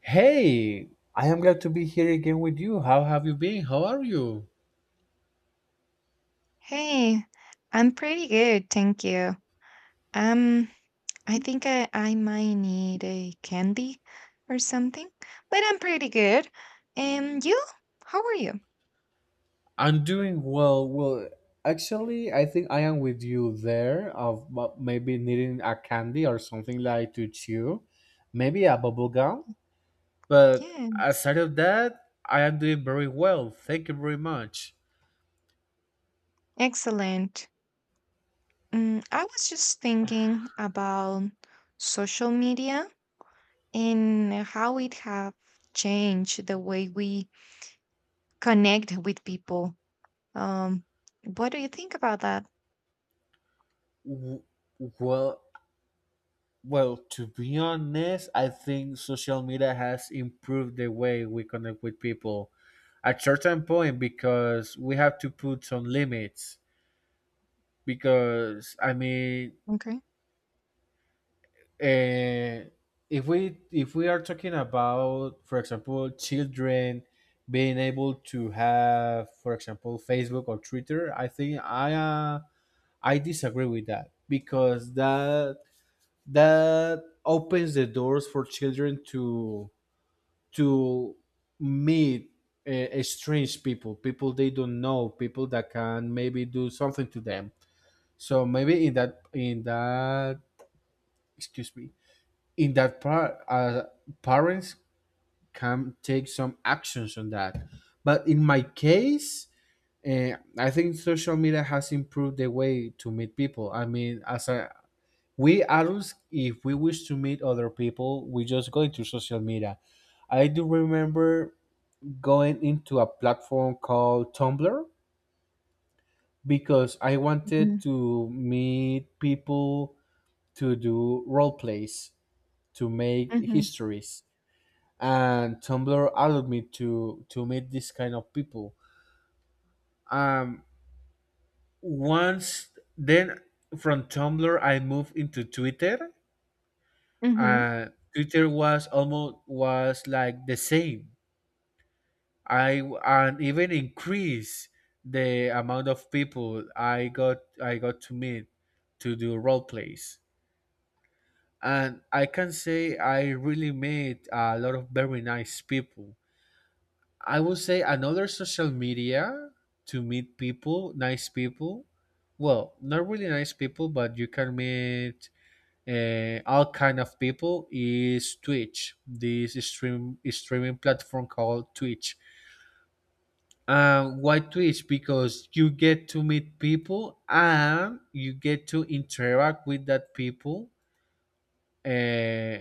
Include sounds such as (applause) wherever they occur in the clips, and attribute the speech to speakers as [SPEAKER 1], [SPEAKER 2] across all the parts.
[SPEAKER 1] Hey, I am glad to be here again with you. How have you been? How are you?
[SPEAKER 2] Hey, I'm pretty good, thank you. Um, I think I might need a candy or something, but I'm pretty good. And you? How are you?
[SPEAKER 1] I'm doing well. Well, actually, I think I am with you there of maybe needing a candy or something like to chew, maybe a bubble gum. But
[SPEAKER 2] Yes,
[SPEAKER 1] aside of that, I am doing very well. Thank you very much.
[SPEAKER 2] excellent. Mm, I was just thinking about social media and how it have changed the way we connect with people. Um, what do you think about that?
[SPEAKER 1] W- well, Well, to be honest, I think social media has improved the way we connect with people at certain point because we have to put some limits because I mean
[SPEAKER 2] Okay.
[SPEAKER 1] uh, if we are talking about, for example, children being able to have, for example, Facebook or Twitter, I think I disagree with that because that opens the doors for children to meet strange people, people they don't know, people that can maybe do something to them. So maybe in that excuse me, in that part, parents can take some actions on that. But in my case, I think social media has improved the way to meet people. I mean, as a we adults, if we wish to meet other people, we just go into social media. I do remember going into a platform called Tumblr because I
[SPEAKER 2] Mm-hmm.
[SPEAKER 1] wanted to meet people to do role plays, to make histories. And Tumblr allowed me to meet this kind of people. Um, Once then from Tumblr, I moved into Twitter.
[SPEAKER 2] Mm-hmm.
[SPEAKER 1] Twitter was almost was like the same I and even increase the amount of people I got to meet to do role plays. And I can say I really met a lot of very nice people. I would say another social media to meet people, nice people. Well, not really nice people, but you can meet all kind of people is Twitch. This streaming platform called Twitch. Why Twitch? Because you get to meet people and you get to interact with that people, uh,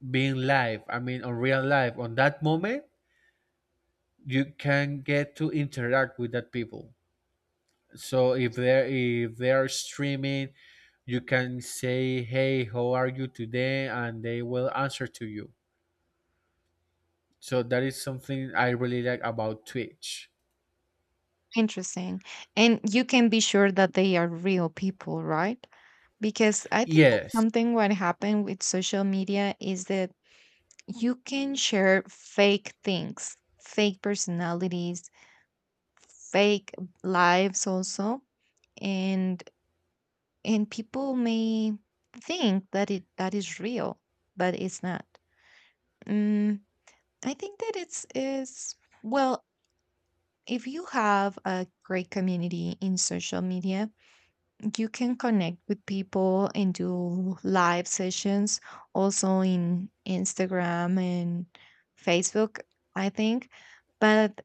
[SPEAKER 1] being live. I mean, on real life. On that moment, you can get to interact with that people. So if they are streaming, you can say, "Hey, how are you today?" and they will answer to you. So that is something I really like about Twitch.
[SPEAKER 2] Interesting. And you can be sure that they are real people, right? Because I think that
[SPEAKER 1] Yes.
[SPEAKER 2] something what happened with social media is that you can share fake things, fake personalities, fake lives also, and people may think that it that is real, but it's not. Mm, I think that it's is well, if you have a great community in social media, you can connect with people and do live sessions also in Instagram and Facebook, I think. But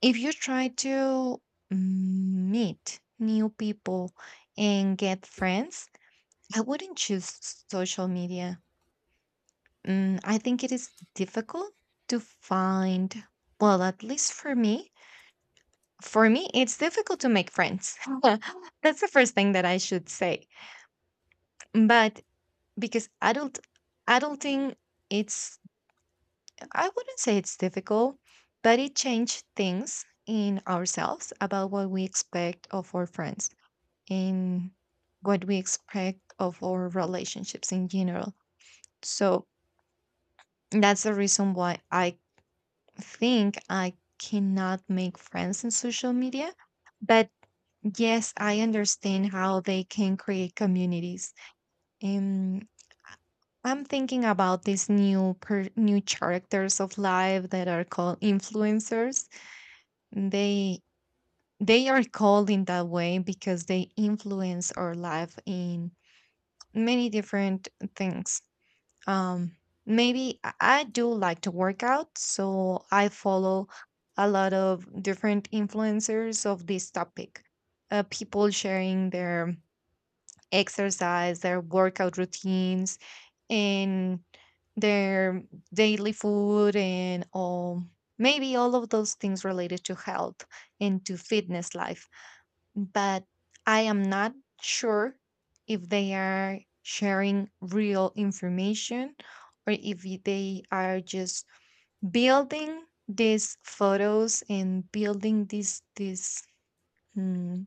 [SPEAKER 2] if you try to meet new people and get friends, I wouldn't choose social media. Mm, I think it is difficult to find, well, at least for me, it's difficult to make friends. (laughs) That's the first thing that I should say. But because adulting it's I wouldn't say it's difficult, but it changed things in ourselves about what we expect of our friends, and what we expect of our relationships in general. So that's the reason why I cannot make friends in social media, but yes, I understand how they can create communities. I'm thinking about these new characters of life that are called influencers. They they are called in that way because they influence our life in many different things. Um, maybe I do like to work out, so I follow a lot of different influencers of this topic. People sharing their exercise, their workout routines, and their daily food and all, maybe all of those things related to health and to fitness life, but I am not sure if they are sharing real information, or if they are just building these photos and building these mm,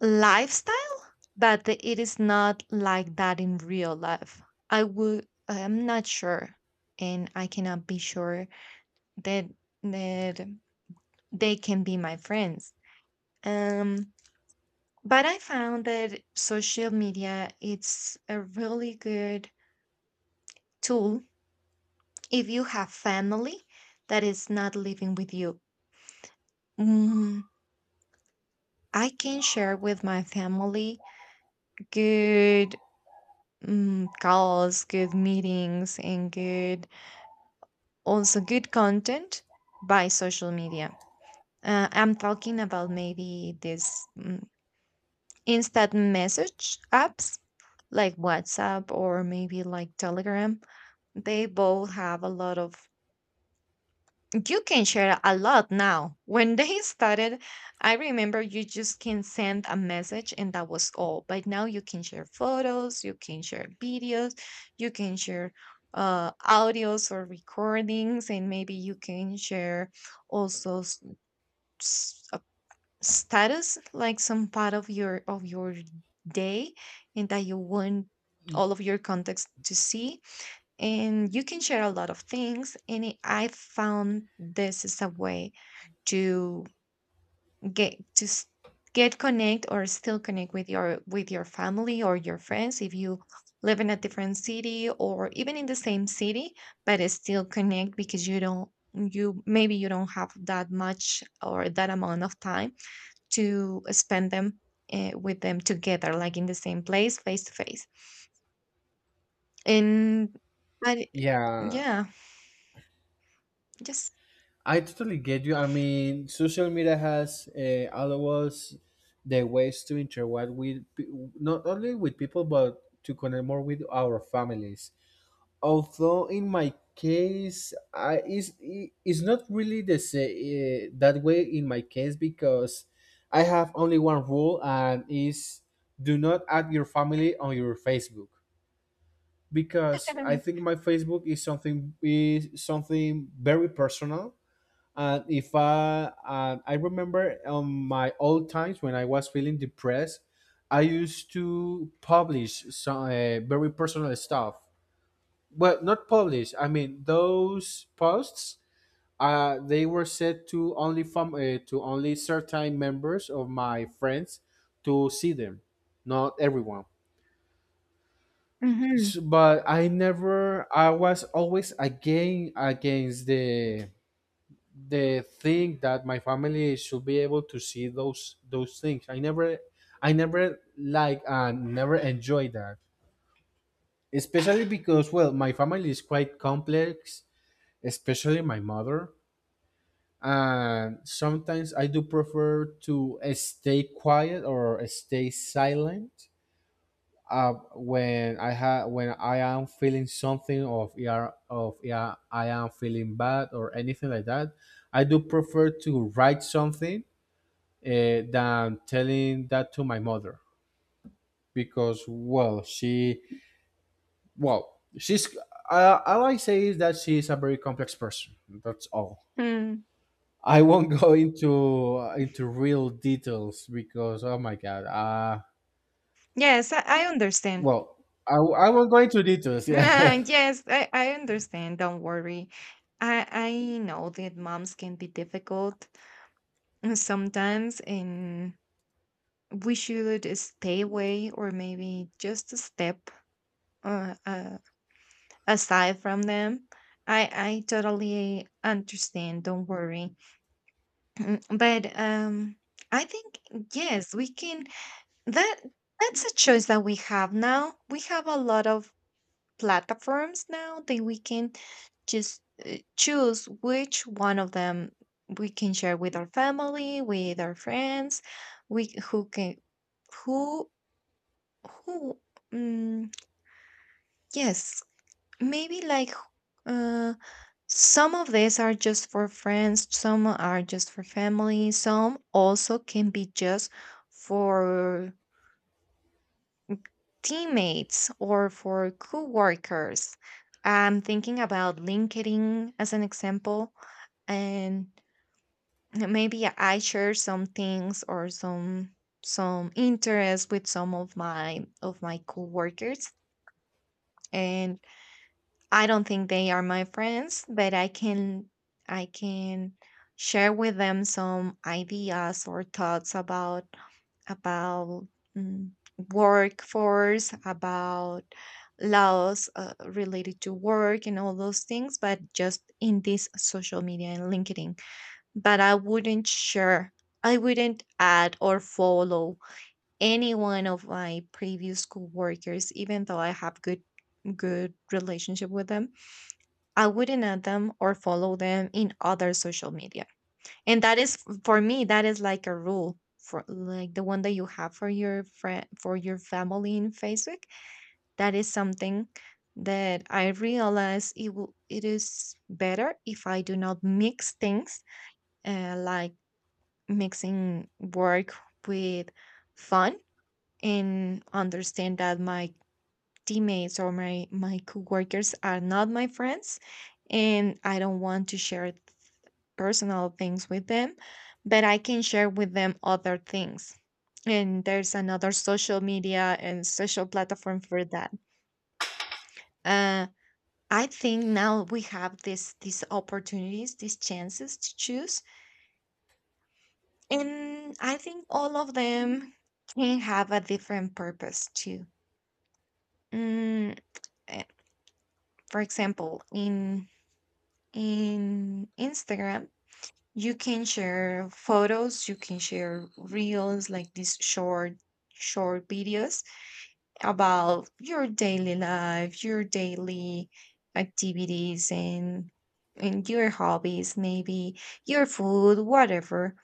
[SPEAKER 2] lifestyle, but it is not like that in real life. I'm not sure, and I cannot be sure that that they can be my friends. Um, but I found that social media it's a really good tool if you have family that is not living with you. Mm, I can share with my family good mm, calls, good meetings, and good also good content by social media. I'm talking about maybe this mm, instant message apps like WhatsApp or maybe like Telegram. They both have a lot of. You can share a lot now. When they started, I remember you just can send a message and that was all. But now you can share photos, you can share videos, you can share audios or recordings, and maybe you can share also a status, like some part of your day, and that you want all of your contacts to see, and you can share a lot of things and I found this is a way to get to s- get connect or still connect with your family or your friends if you live in a different city or even in the same city, but it's still connect because you don't you maybe you don't have that much or that amount of time to spend them with them together like in the same place face to face and but
[SPEAKER 1] Yeah.
[SPEAKER 2] yeah, just
[SPEAKER 1] I totally get you. I mean, social media has allowed us the ways to interact with not only with people but to connect more with our families. Although in my case, I is not really the say that way in my case because I have only one rule, and is do not add your family on your Facebook because I think
[SPEAKER 2] (laughs)
[SPEAKER 1] my Facebook is something very personal. And if I remember on my old times when I was feeling depressed, I used to publish some very personal stuff. Well, not publish. I mean, those posts they were set to only from to only certain members of my friends to see them, not everyone.
[SPEAKER 2] Mhm,
[SPEAKER 1] But I never. I was always against the thing that my family should be able to see those things. I never. I never like and never enjoy that. Especially because, well, my family is quite complex, especially my mother. And sometimes I do prefer to stay quiet or stay silent when I am feeling something of yeah I am feeling bad or anything like that. I do prefer to write something than telling that to my mother because well, she's all I say is that she's a very complex person. That's all.
[SPEAKER 2] mm.
[SPEAKER 1] I won't go into real details because, oh my god,
[SPEAKER 2] Yes, I understand.
[SPEAKER 1] well I won't go into details. Yeah.
[SPEAKER 2] (laughs) Yes, I understand. Don't worry. I know that moms can be difficult sometimes, and we should stay away or maybe just a step uh, uh, aside from them. I totally understand. Don't worry. (clears throat) But I think yes, we can. That that's a choice that we have now. We have a lot of platforms now that we can just choose which one of them we can share with our family, with our friends, we who can who who um, yes, maybe like uh, some of these are just for friends, some are just for family, some also can be just for teammates or for coworkers. I'm thinking about LinkedIn as an example, and maybe I share some things or some interest with some of my coworkers, and I don't think they are my friends, but I can I can share with them some ideas or thoughts about about mm, workforce, about laws related to work and all those things, but just in this social media and LinkedIn. But I wouldn't share, I wouldn't add or follow any one of my previous coworkers, even though I have good good relationship with them. I wouldn't add them or follow them in other social media. And that is, for me, that is like a rule for like the one that you have for your friend for your family in Facebook. That is something that I realize it will, it is better if I do not mix things like mixing work with fun, and understand that my teammates or my coworkers are not my friends, and I don't want to share personal things with them, but I can share with them other things. And there's another social media and social platform for that. Uh, I think now we have this these opportunities, these chances to choose, and I think all of them can have a different purpose too. Mm, eh, for example, in Instagram, you can share photos, you can share reels like these short videos about your daily life, your daily activities and your hobbies, maybe your food, whatever.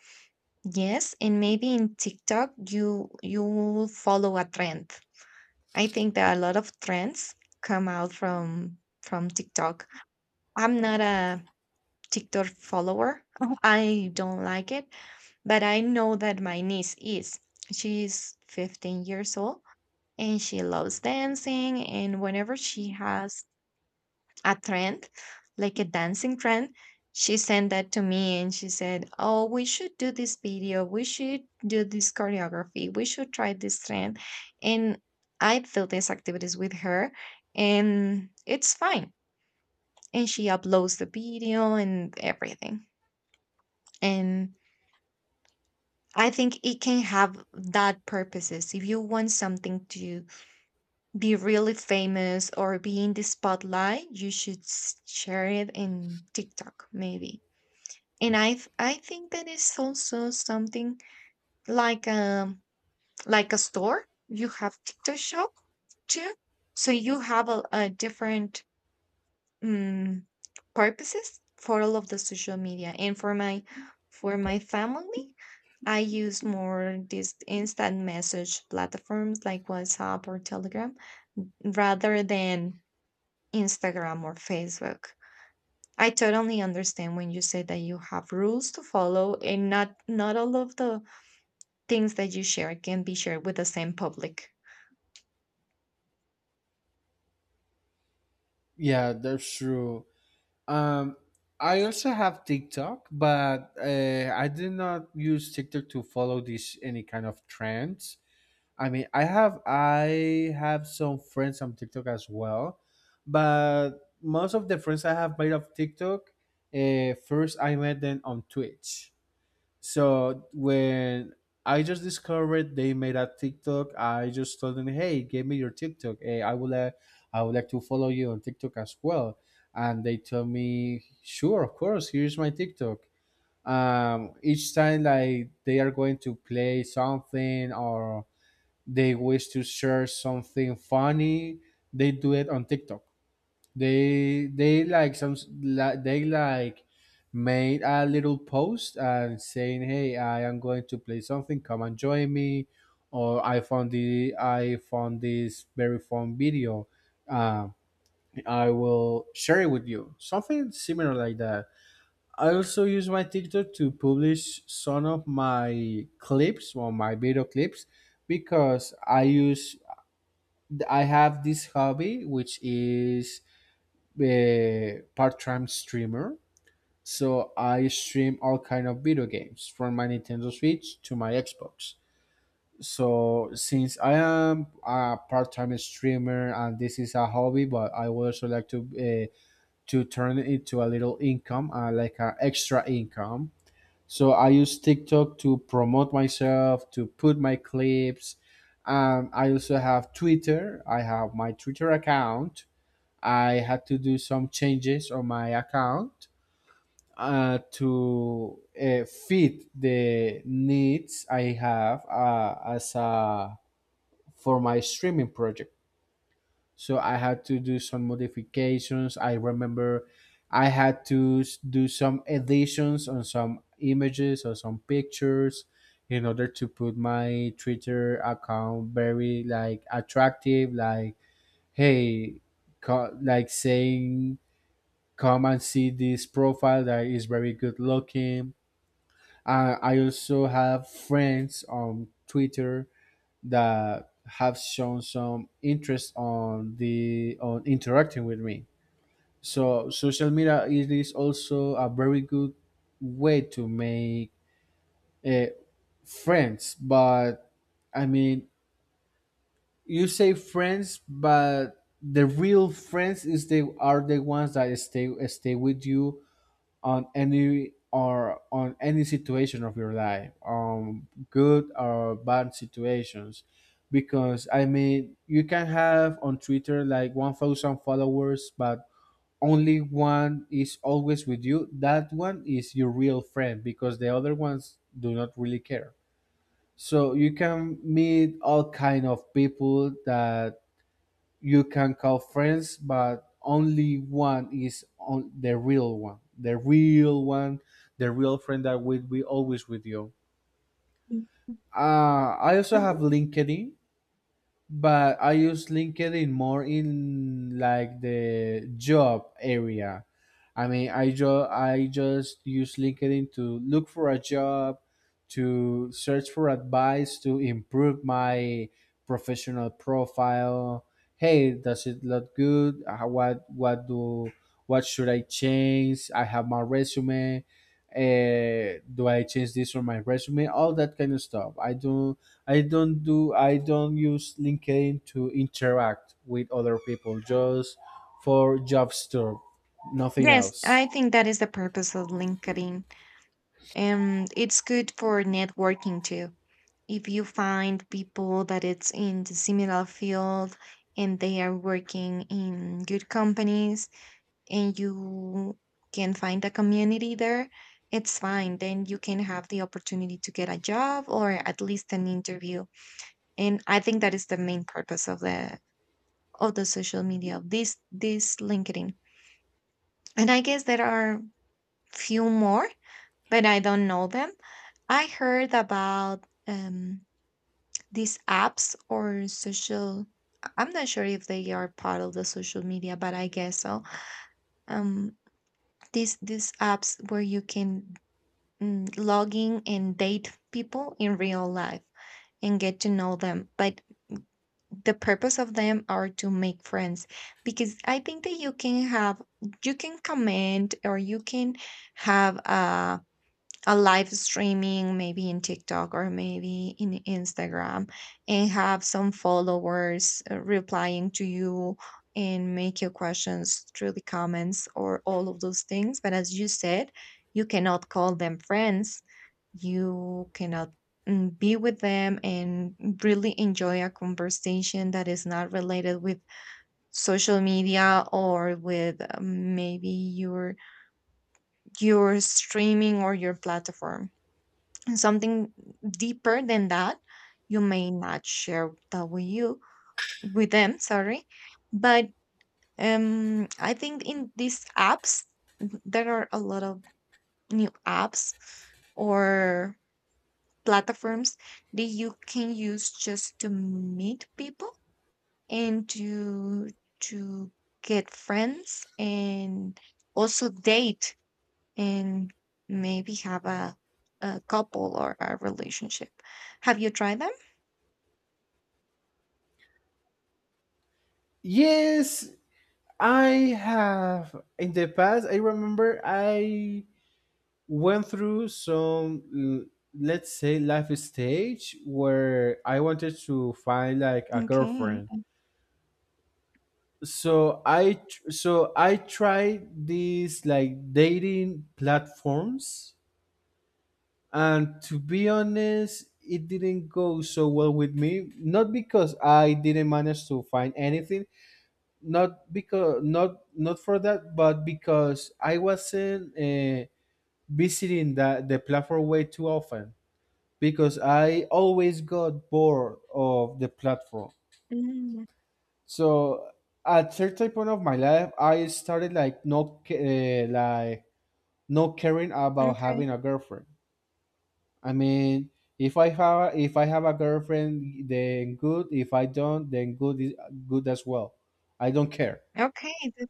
[SPEAKER 2] Yes, and maybe in TikTok you will follow a trend. I think that a lot of trends come out from TikTok. I'm not a TikTok follower. (laughs) I don't like it, but I know that my niece is. She's 15 years old and she loves dancing. And whenever she has a trend, like a dancing trend, she sent that to me and she said, "Oh, we should do this video. We should do this choreography. We should try this trend." And I do these activities with her, and it's fine. And she uploads the video and everything. And I think it can have that purposes. If you want something to be really famous or be in the spotlight, you should share it in TikTok maybe. And I think that is also something like um like a store. You have TikTok shop too, so you have a different mm, purposes for all of the social media, and for my family, I use more these instant message platforms like WhatsApp or Telegram rather than Instagram or Facebook. I totally understand when you say that you have rules to follow, and not all of the things that you share can be shared with the same public.
[SPEAKER 1] (laughs) Yeah, that's true. um I also have TikTok, but I did not use TikTok to follow this any kind of trends. I mean, I have some friends on TikTok as well, but most of the friends I have made of TikTok, first I met them on Twitch. So when I just discovered they made a TikTok, I just told them, "Hey, give me your TikTok. Hey, I would like to follow you on TikTok as well." And they told me, "Sure, of course. Here's my TikTok." Each time, like, they are going to play something, or they wish to share something funny, they do it on TikTok. They they like some li- they like made a little post and saying, "Hey, I am going to play something, come and join me," or I found this very fun video, uh, I will share it with you," something similar like that. I also use my TikTok to publish some of my clips or my video clips because I have this hobby, which is a part-time streamer. So I stream all kind of video games from my Nintendo Switch to my Xbox. So since I am a part-time streamer and this is a hobby, but I would also like to turn it into a little income, like an extra income. So I use TikTok to promote myself, to put my clips. I also have Twitter. I have my Twitter account. I had to do some changes on my account to fit the needs I have, as a for my streaming project. So I had to do some modifications. I remember I had to do some additions on some images or some pictures in order to put my Twitter account very like attractive, like, "Hey," like saying, "Come and see this profile that is very good looking." I also have friends on Twitter that have shown some interest on the on interacting with me. So social media, it is also a very good way to make uh, friends. But, I mean, you say friends, but the real friends is they are the ones that stay with you on any situation of your life, good or bad situations. Because, I mean, you can have on Twitter like 1,000 followers, but only one is always with you. That one is your real friend, because the other ones do not really care. So you can meet all kind of people that you can call friends, but only one is on the real one, the real friend that will be always with you.
[SPEAKER 2] Mm,
[SPEAKER 1] I also have
[SPEAKER 2] mhm.
[SPEAKER 1] LinkedIn, but I use LinkedIn more in like the job area. I mean, I just use LinkedIn to look for a job, to search for advice, to improve my professional profile. Hey, does it look good? What do what should I change? I have my resume. Do I change this on my resume? All that kind of stuff. I do I don't use LinkedIn to interact with other people, just for job stuff, nothing
[SPEAKER 2] Yes,
[SPEAKER 1] else.
[SPEAKER 2] I think that is the purpose of LinkedIn. And it's good for networking too. If you find people that it's in the similar field and they are working in good companies and you can find a community there, it's fine. Then you can have the opportunity to get a job or at least an interview. And I think that is the main purpose of the social media of this LinkedIn. And I guess there are few more, but I don't know them. I heard about these apps or social. I'm not sure if they are part of the social media, but I guess so. Um, these apps where you can mm, log in and date people in real life and get to know them. But the purpose of them are to make friends, because I think that you can comment or you can have a. a live streaming maybe in TikTok or maybe in Instagram and have some followers replying to you and make your questions through the comments or all of those things, but as you said, you cannot call them friends. You cannot mm, be with them and really enjoy a conversation that is not related with social media or with maybe your streaming or your platform, something deeper than that. You may not share that with you, with them, sorry. But um, I think in these apps there are a lot of new apps or platforms that you can use just to meet people and to to get friends, and also date, and maybe have a couple or a relationship. Have you tried them?
[SPEAKER 1] Yes, I have in the past. I remember I went through some let's say life stage where I wanted to find like a
[SPEAKER 2] Okay.
[SPEAKER 1] girlfriend. So I tried these like dating platforms. And to be honest, it didn't go so well with me. Not because I didn't manage to find anything, not because not for that, but because I wasn't visiting the platform way too often. Because I always got bored of the platform.
[SPEAKER 2] Mm,
[SPEAKER 1] So at certain point of my life, I started like not caring about
[SPEAKER 2] okay.
[SPEAKER 1] having a girlfriend. I mean, if I have a girlfriend, then good. If I don't, then good is good as well. I don't care.
[SPEAKER 2] Okay.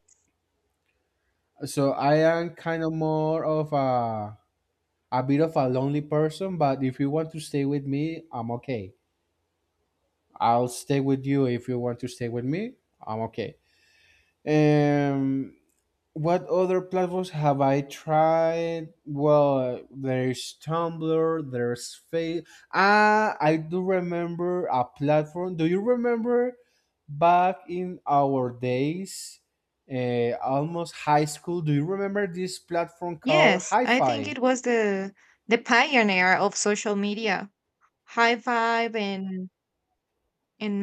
[SPEAKER 1] So I am kind of more of a bit of a lonely person. But if you want to stay with me, I'm okay. I'll stay with you if you want to stay with me. I'm okay. Um, What other platforms have I tried? Well, there's Tumblr, there's Face. Ah, I do remember a platform. Do you remember back in our days, almost high school? Do you remember this platform called
[SPEAKER 2] Yes, I think
[SPEAKER 1] Hi-Fi?
[SPEAKER 2] it was the pioneer of social media. High Five and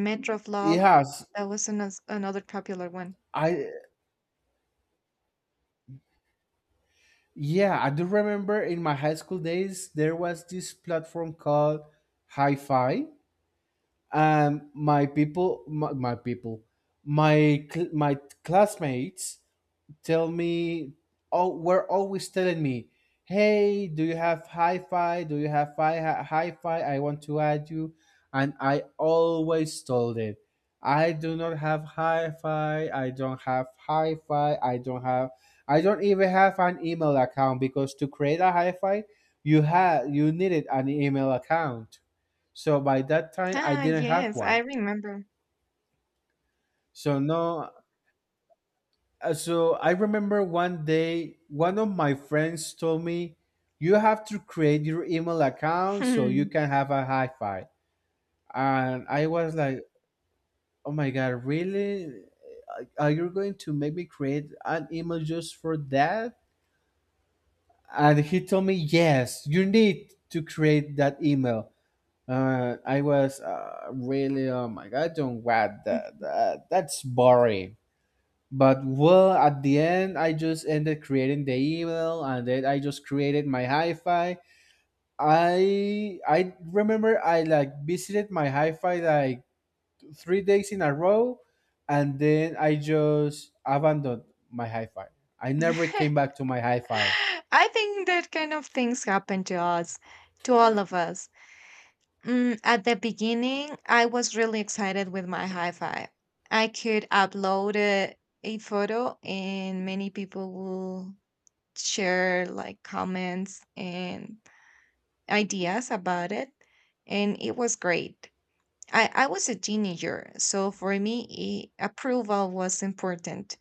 [SPEAKER 1] It
[SPEAKER 2] Metroflog.
[SPEAKER 1] has.
[SPEAKER 2] That was another another popular one.
[SPEAKER 1] I Yeah, I do remember in my high school days there was this platform called Hi-Fi, and my people my cl- my classmates tell me oh were always telling me, "Hey, do you have Hi-Fi? Do you have Hi-Fi? I want to add you." And I always told it, "I do not have Hi-Fi. I don't have Hi-Fi. I don't even have an email account," because to create a Hi-Fi you needed an email account. So by that time I
[SPEAKER 2] Ah,
[SPEAKER 1] didn't have
[SPEAKER 2] yes, I
[SPEAKER 1] one.
[SPEAKER 2] remember.
[SPEAKER 1] So no. So I remember one day, one of my friends told me, "You have to create your email account so you
[SPEAKER 2] Hmm.
[SPEAKER 1] can have a Hi-Fi." And I was like, "Oh my god, really? Are you going to make me create an email just for that?" And he told me, "Yes, you need to create that email." I was, really, oh my god, I don't want that. That's boring. But, well, at the end, I just ended creating the email, and then I just created my Hi-Fi. I remember I like visited my Hi-Fi like 3 days in a row, and then I just abandoned my Hi-Fi. I never came back
[SPEAKER 2] (laughs)
[SPEAKER 1] to my Hi-Fi.
[SPEAKER 2] I think that kind of things happen to us, to all of us. At the beginning, I was really excited with my hi-fi. I could upload a photo and many people will share like comments and ideas about it. And it was great. I was a teenager, so for me, approval was important.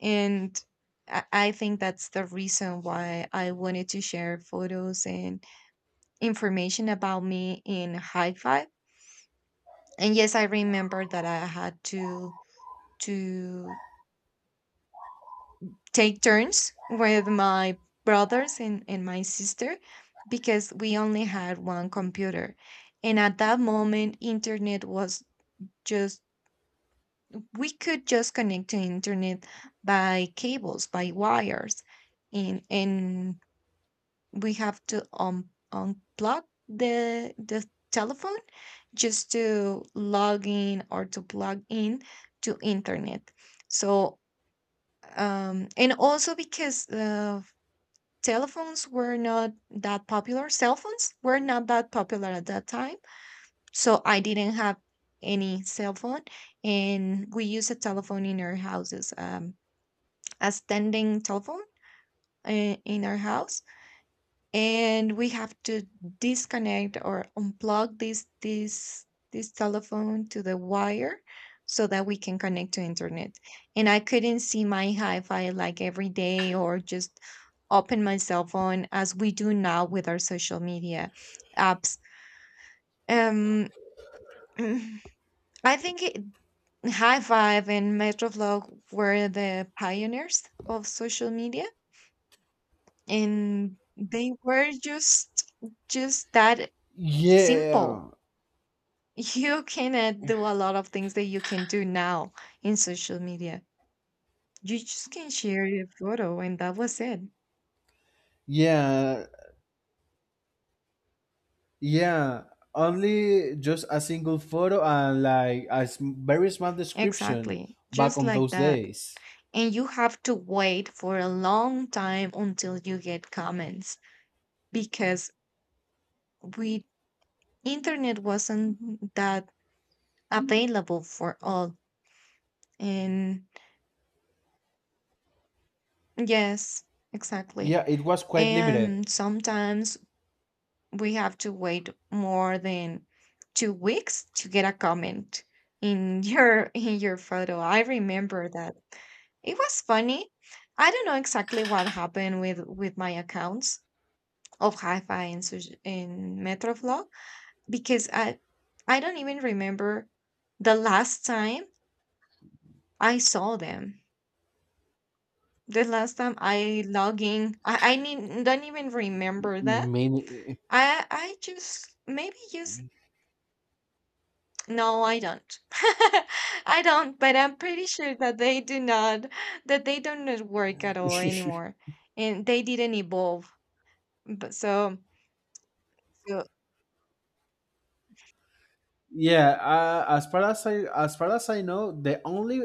[SPEAKER 2] And I think that's the reason why I wanted to share photos and information about me in hi-fi. And yes, I remember that I had to take turns with my brothers and my sister because we only had one computer. And at that moment, internet was just, we could just connect to internet by cables, by wires. And we have to unplug the telephone just to log in or to plug in to internet. So and also because telephones were not that popular, cell phones were not that popular at that time, so I didn't have any cell phone. And we use a telephone in our houses, a standing telephone, in our house. And we have to disconnect or unplug this telephone to the wire so that we can connect to internet. And I couldn't see my hi-fi like every day or just open my cell phone as we do now with our social media apps. um (clears throat) i think it, High Five and Metroflog were the pioneers of social media. And they were just that simple.
[SPEAKER 1] Yeah,
[SPEAKER 2] (laughs) You cannot do a lot of things that you can do now in social media. You just can share your photo and that was it.
[SPEAKER 1] yeah, yeah. Only just a single photo and like a very small description
[SPEAKER 2] Exactly.
[SPEAKER 1] back
[SPEAKER 2] Just
[SPEAKER 1] on
[SPEAKER 2] like
[SPEAKER 1] those
[SPEAKER 2] that.
[SPEAKER 1] days.
[SPEAKER 2] And you have to wait for a long time until you get comments because we internet wasn't that available for all. And yes, exactly.
[SPEAKER 1] Yeah, it was quite limited.
[SPEAKER 2] And sometimes we have to wait more than 2 weeks to get a comment in your (laughs) in your photo. I remember that. It was funny. I don't know exactly what happened with my accounts of Hi-Fi and Metroflog, because I don't even remember the last time I saw them. The last time I log in, I need, don't even remember that.
[SPEAKER 1] Many,
[SPEAKER 2] I just maybe just, no, I don't. (laughs) I don't, but I'm pretty sure that they do not, that they do not work at all anymore, and they didn't evolve. But so
[SPEAKER 1] yeah. As far as I as far as I know, the only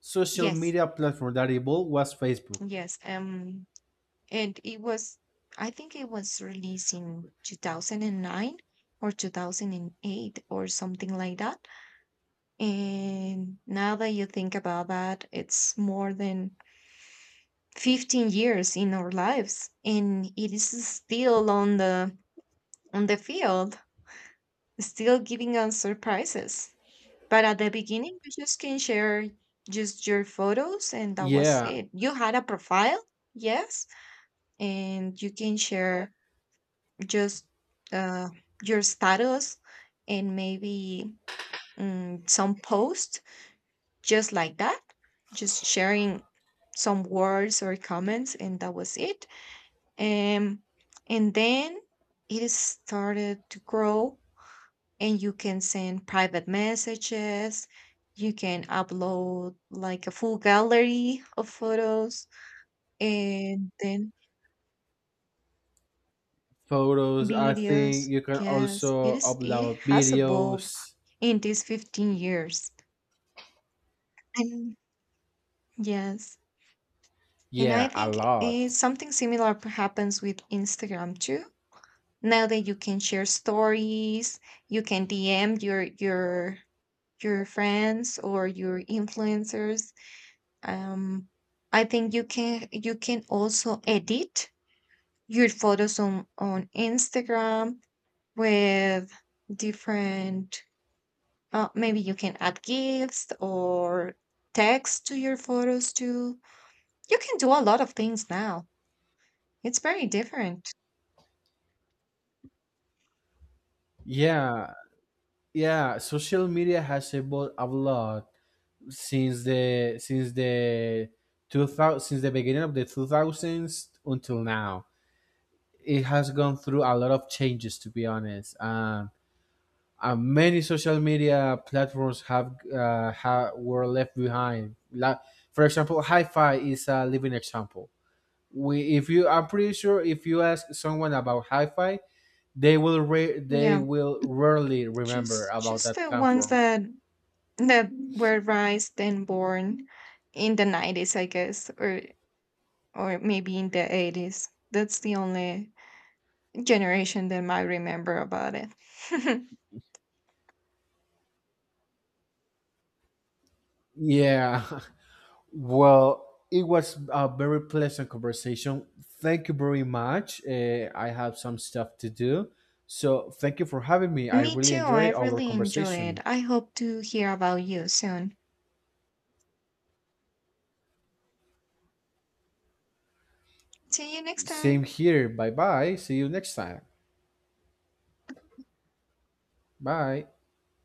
[SPEAKER 1] social
[SPEAKER 2] yes,
[SPEAKER 1] media platform that evolved was Facebook.
[SPEAKER 2] yes. And it was, I think it was released in 2009 or 2008 or something like that. And now that you think about that, it's more than 15 years in our lives, and it is still on the field, still giving us surprises. But at the beginning, you just can share just your photos, and that was
[SPEAKER 1] Yeah,
[SPEAKER 2] it. You had a profile, yes, and you can share just, uh, your status, and maybe, some post just like that, just sharing some words or comments, and that was it. Um, and then it started to grow, and you can send private messages, you can upload like a full gallery of photos, and then
[SPEAKER 1] photos. I think
[SPEAKER 2] videos.
[SPEAKER 1] you can
[SPEAKER 2] Yes, it
[SPEAKER 1] also
[SPEAKER 2] is, it
[SPEAKER 1] upload
[SPEAKER 2] has evolved
[SPEAKER 1] videos.
[SPEAKER 2] in these 15 years. And yes, and I
[SPEAKER 1] Yeah, a
[SPEAKER 2] think
[SPEAKER 1] lot.
[SPEAKER 2] something similar happens with Instagram too. Now that you can share stories, you can DM your your friends or your influencers. um I think you can, you can also edit your photos on Instagram with different, maybe you can add GIFs or text to your photos too. You can do a lot of things now. It's very different.
[SPEAKER 1] Yeah, yeah. Social media has evolved a lot since the 2000, since the beginning of the two thousands until now. It has gone through a lot of changes, to be honest. Many social media platforms have, ha were left behind. Like, for example, Hi-Fi is a living example. We, if you, I'm pretty sure if you ask someone about Hi-Fi, they
[SPEAKER 2] Yeah,
[SPEAKER 1] will rarely remember about
[SPEAKER 2] just
[SPEAKER 1] that
[SPEAKER 2] the ones
[SPEAKER 1] platform.
[SPEAKER 2] that that were raised and born in the 90s I guess, or maybe in the 80s. That's the only generation that might remember about it. (laughs)
[SPEAKER 1] Yeah. (laughs) Well, it was a very pleasant conversation. Thank you very much. I have some stuff to do. So thank you for having me. I
[SPEAKER 2] Me
[SPEAKER 1] really
[SPEAKER 2] too. I
[SPEAKER 1] enjoy our
[SPEAKER 2] really enjoy it.
[SPEAKER 1] conversation.
[SPEAKER 2] I hope to hear about you soon. See you next time.
[SPEAKER 1] Same here. Bye bye. See you next time. Bye.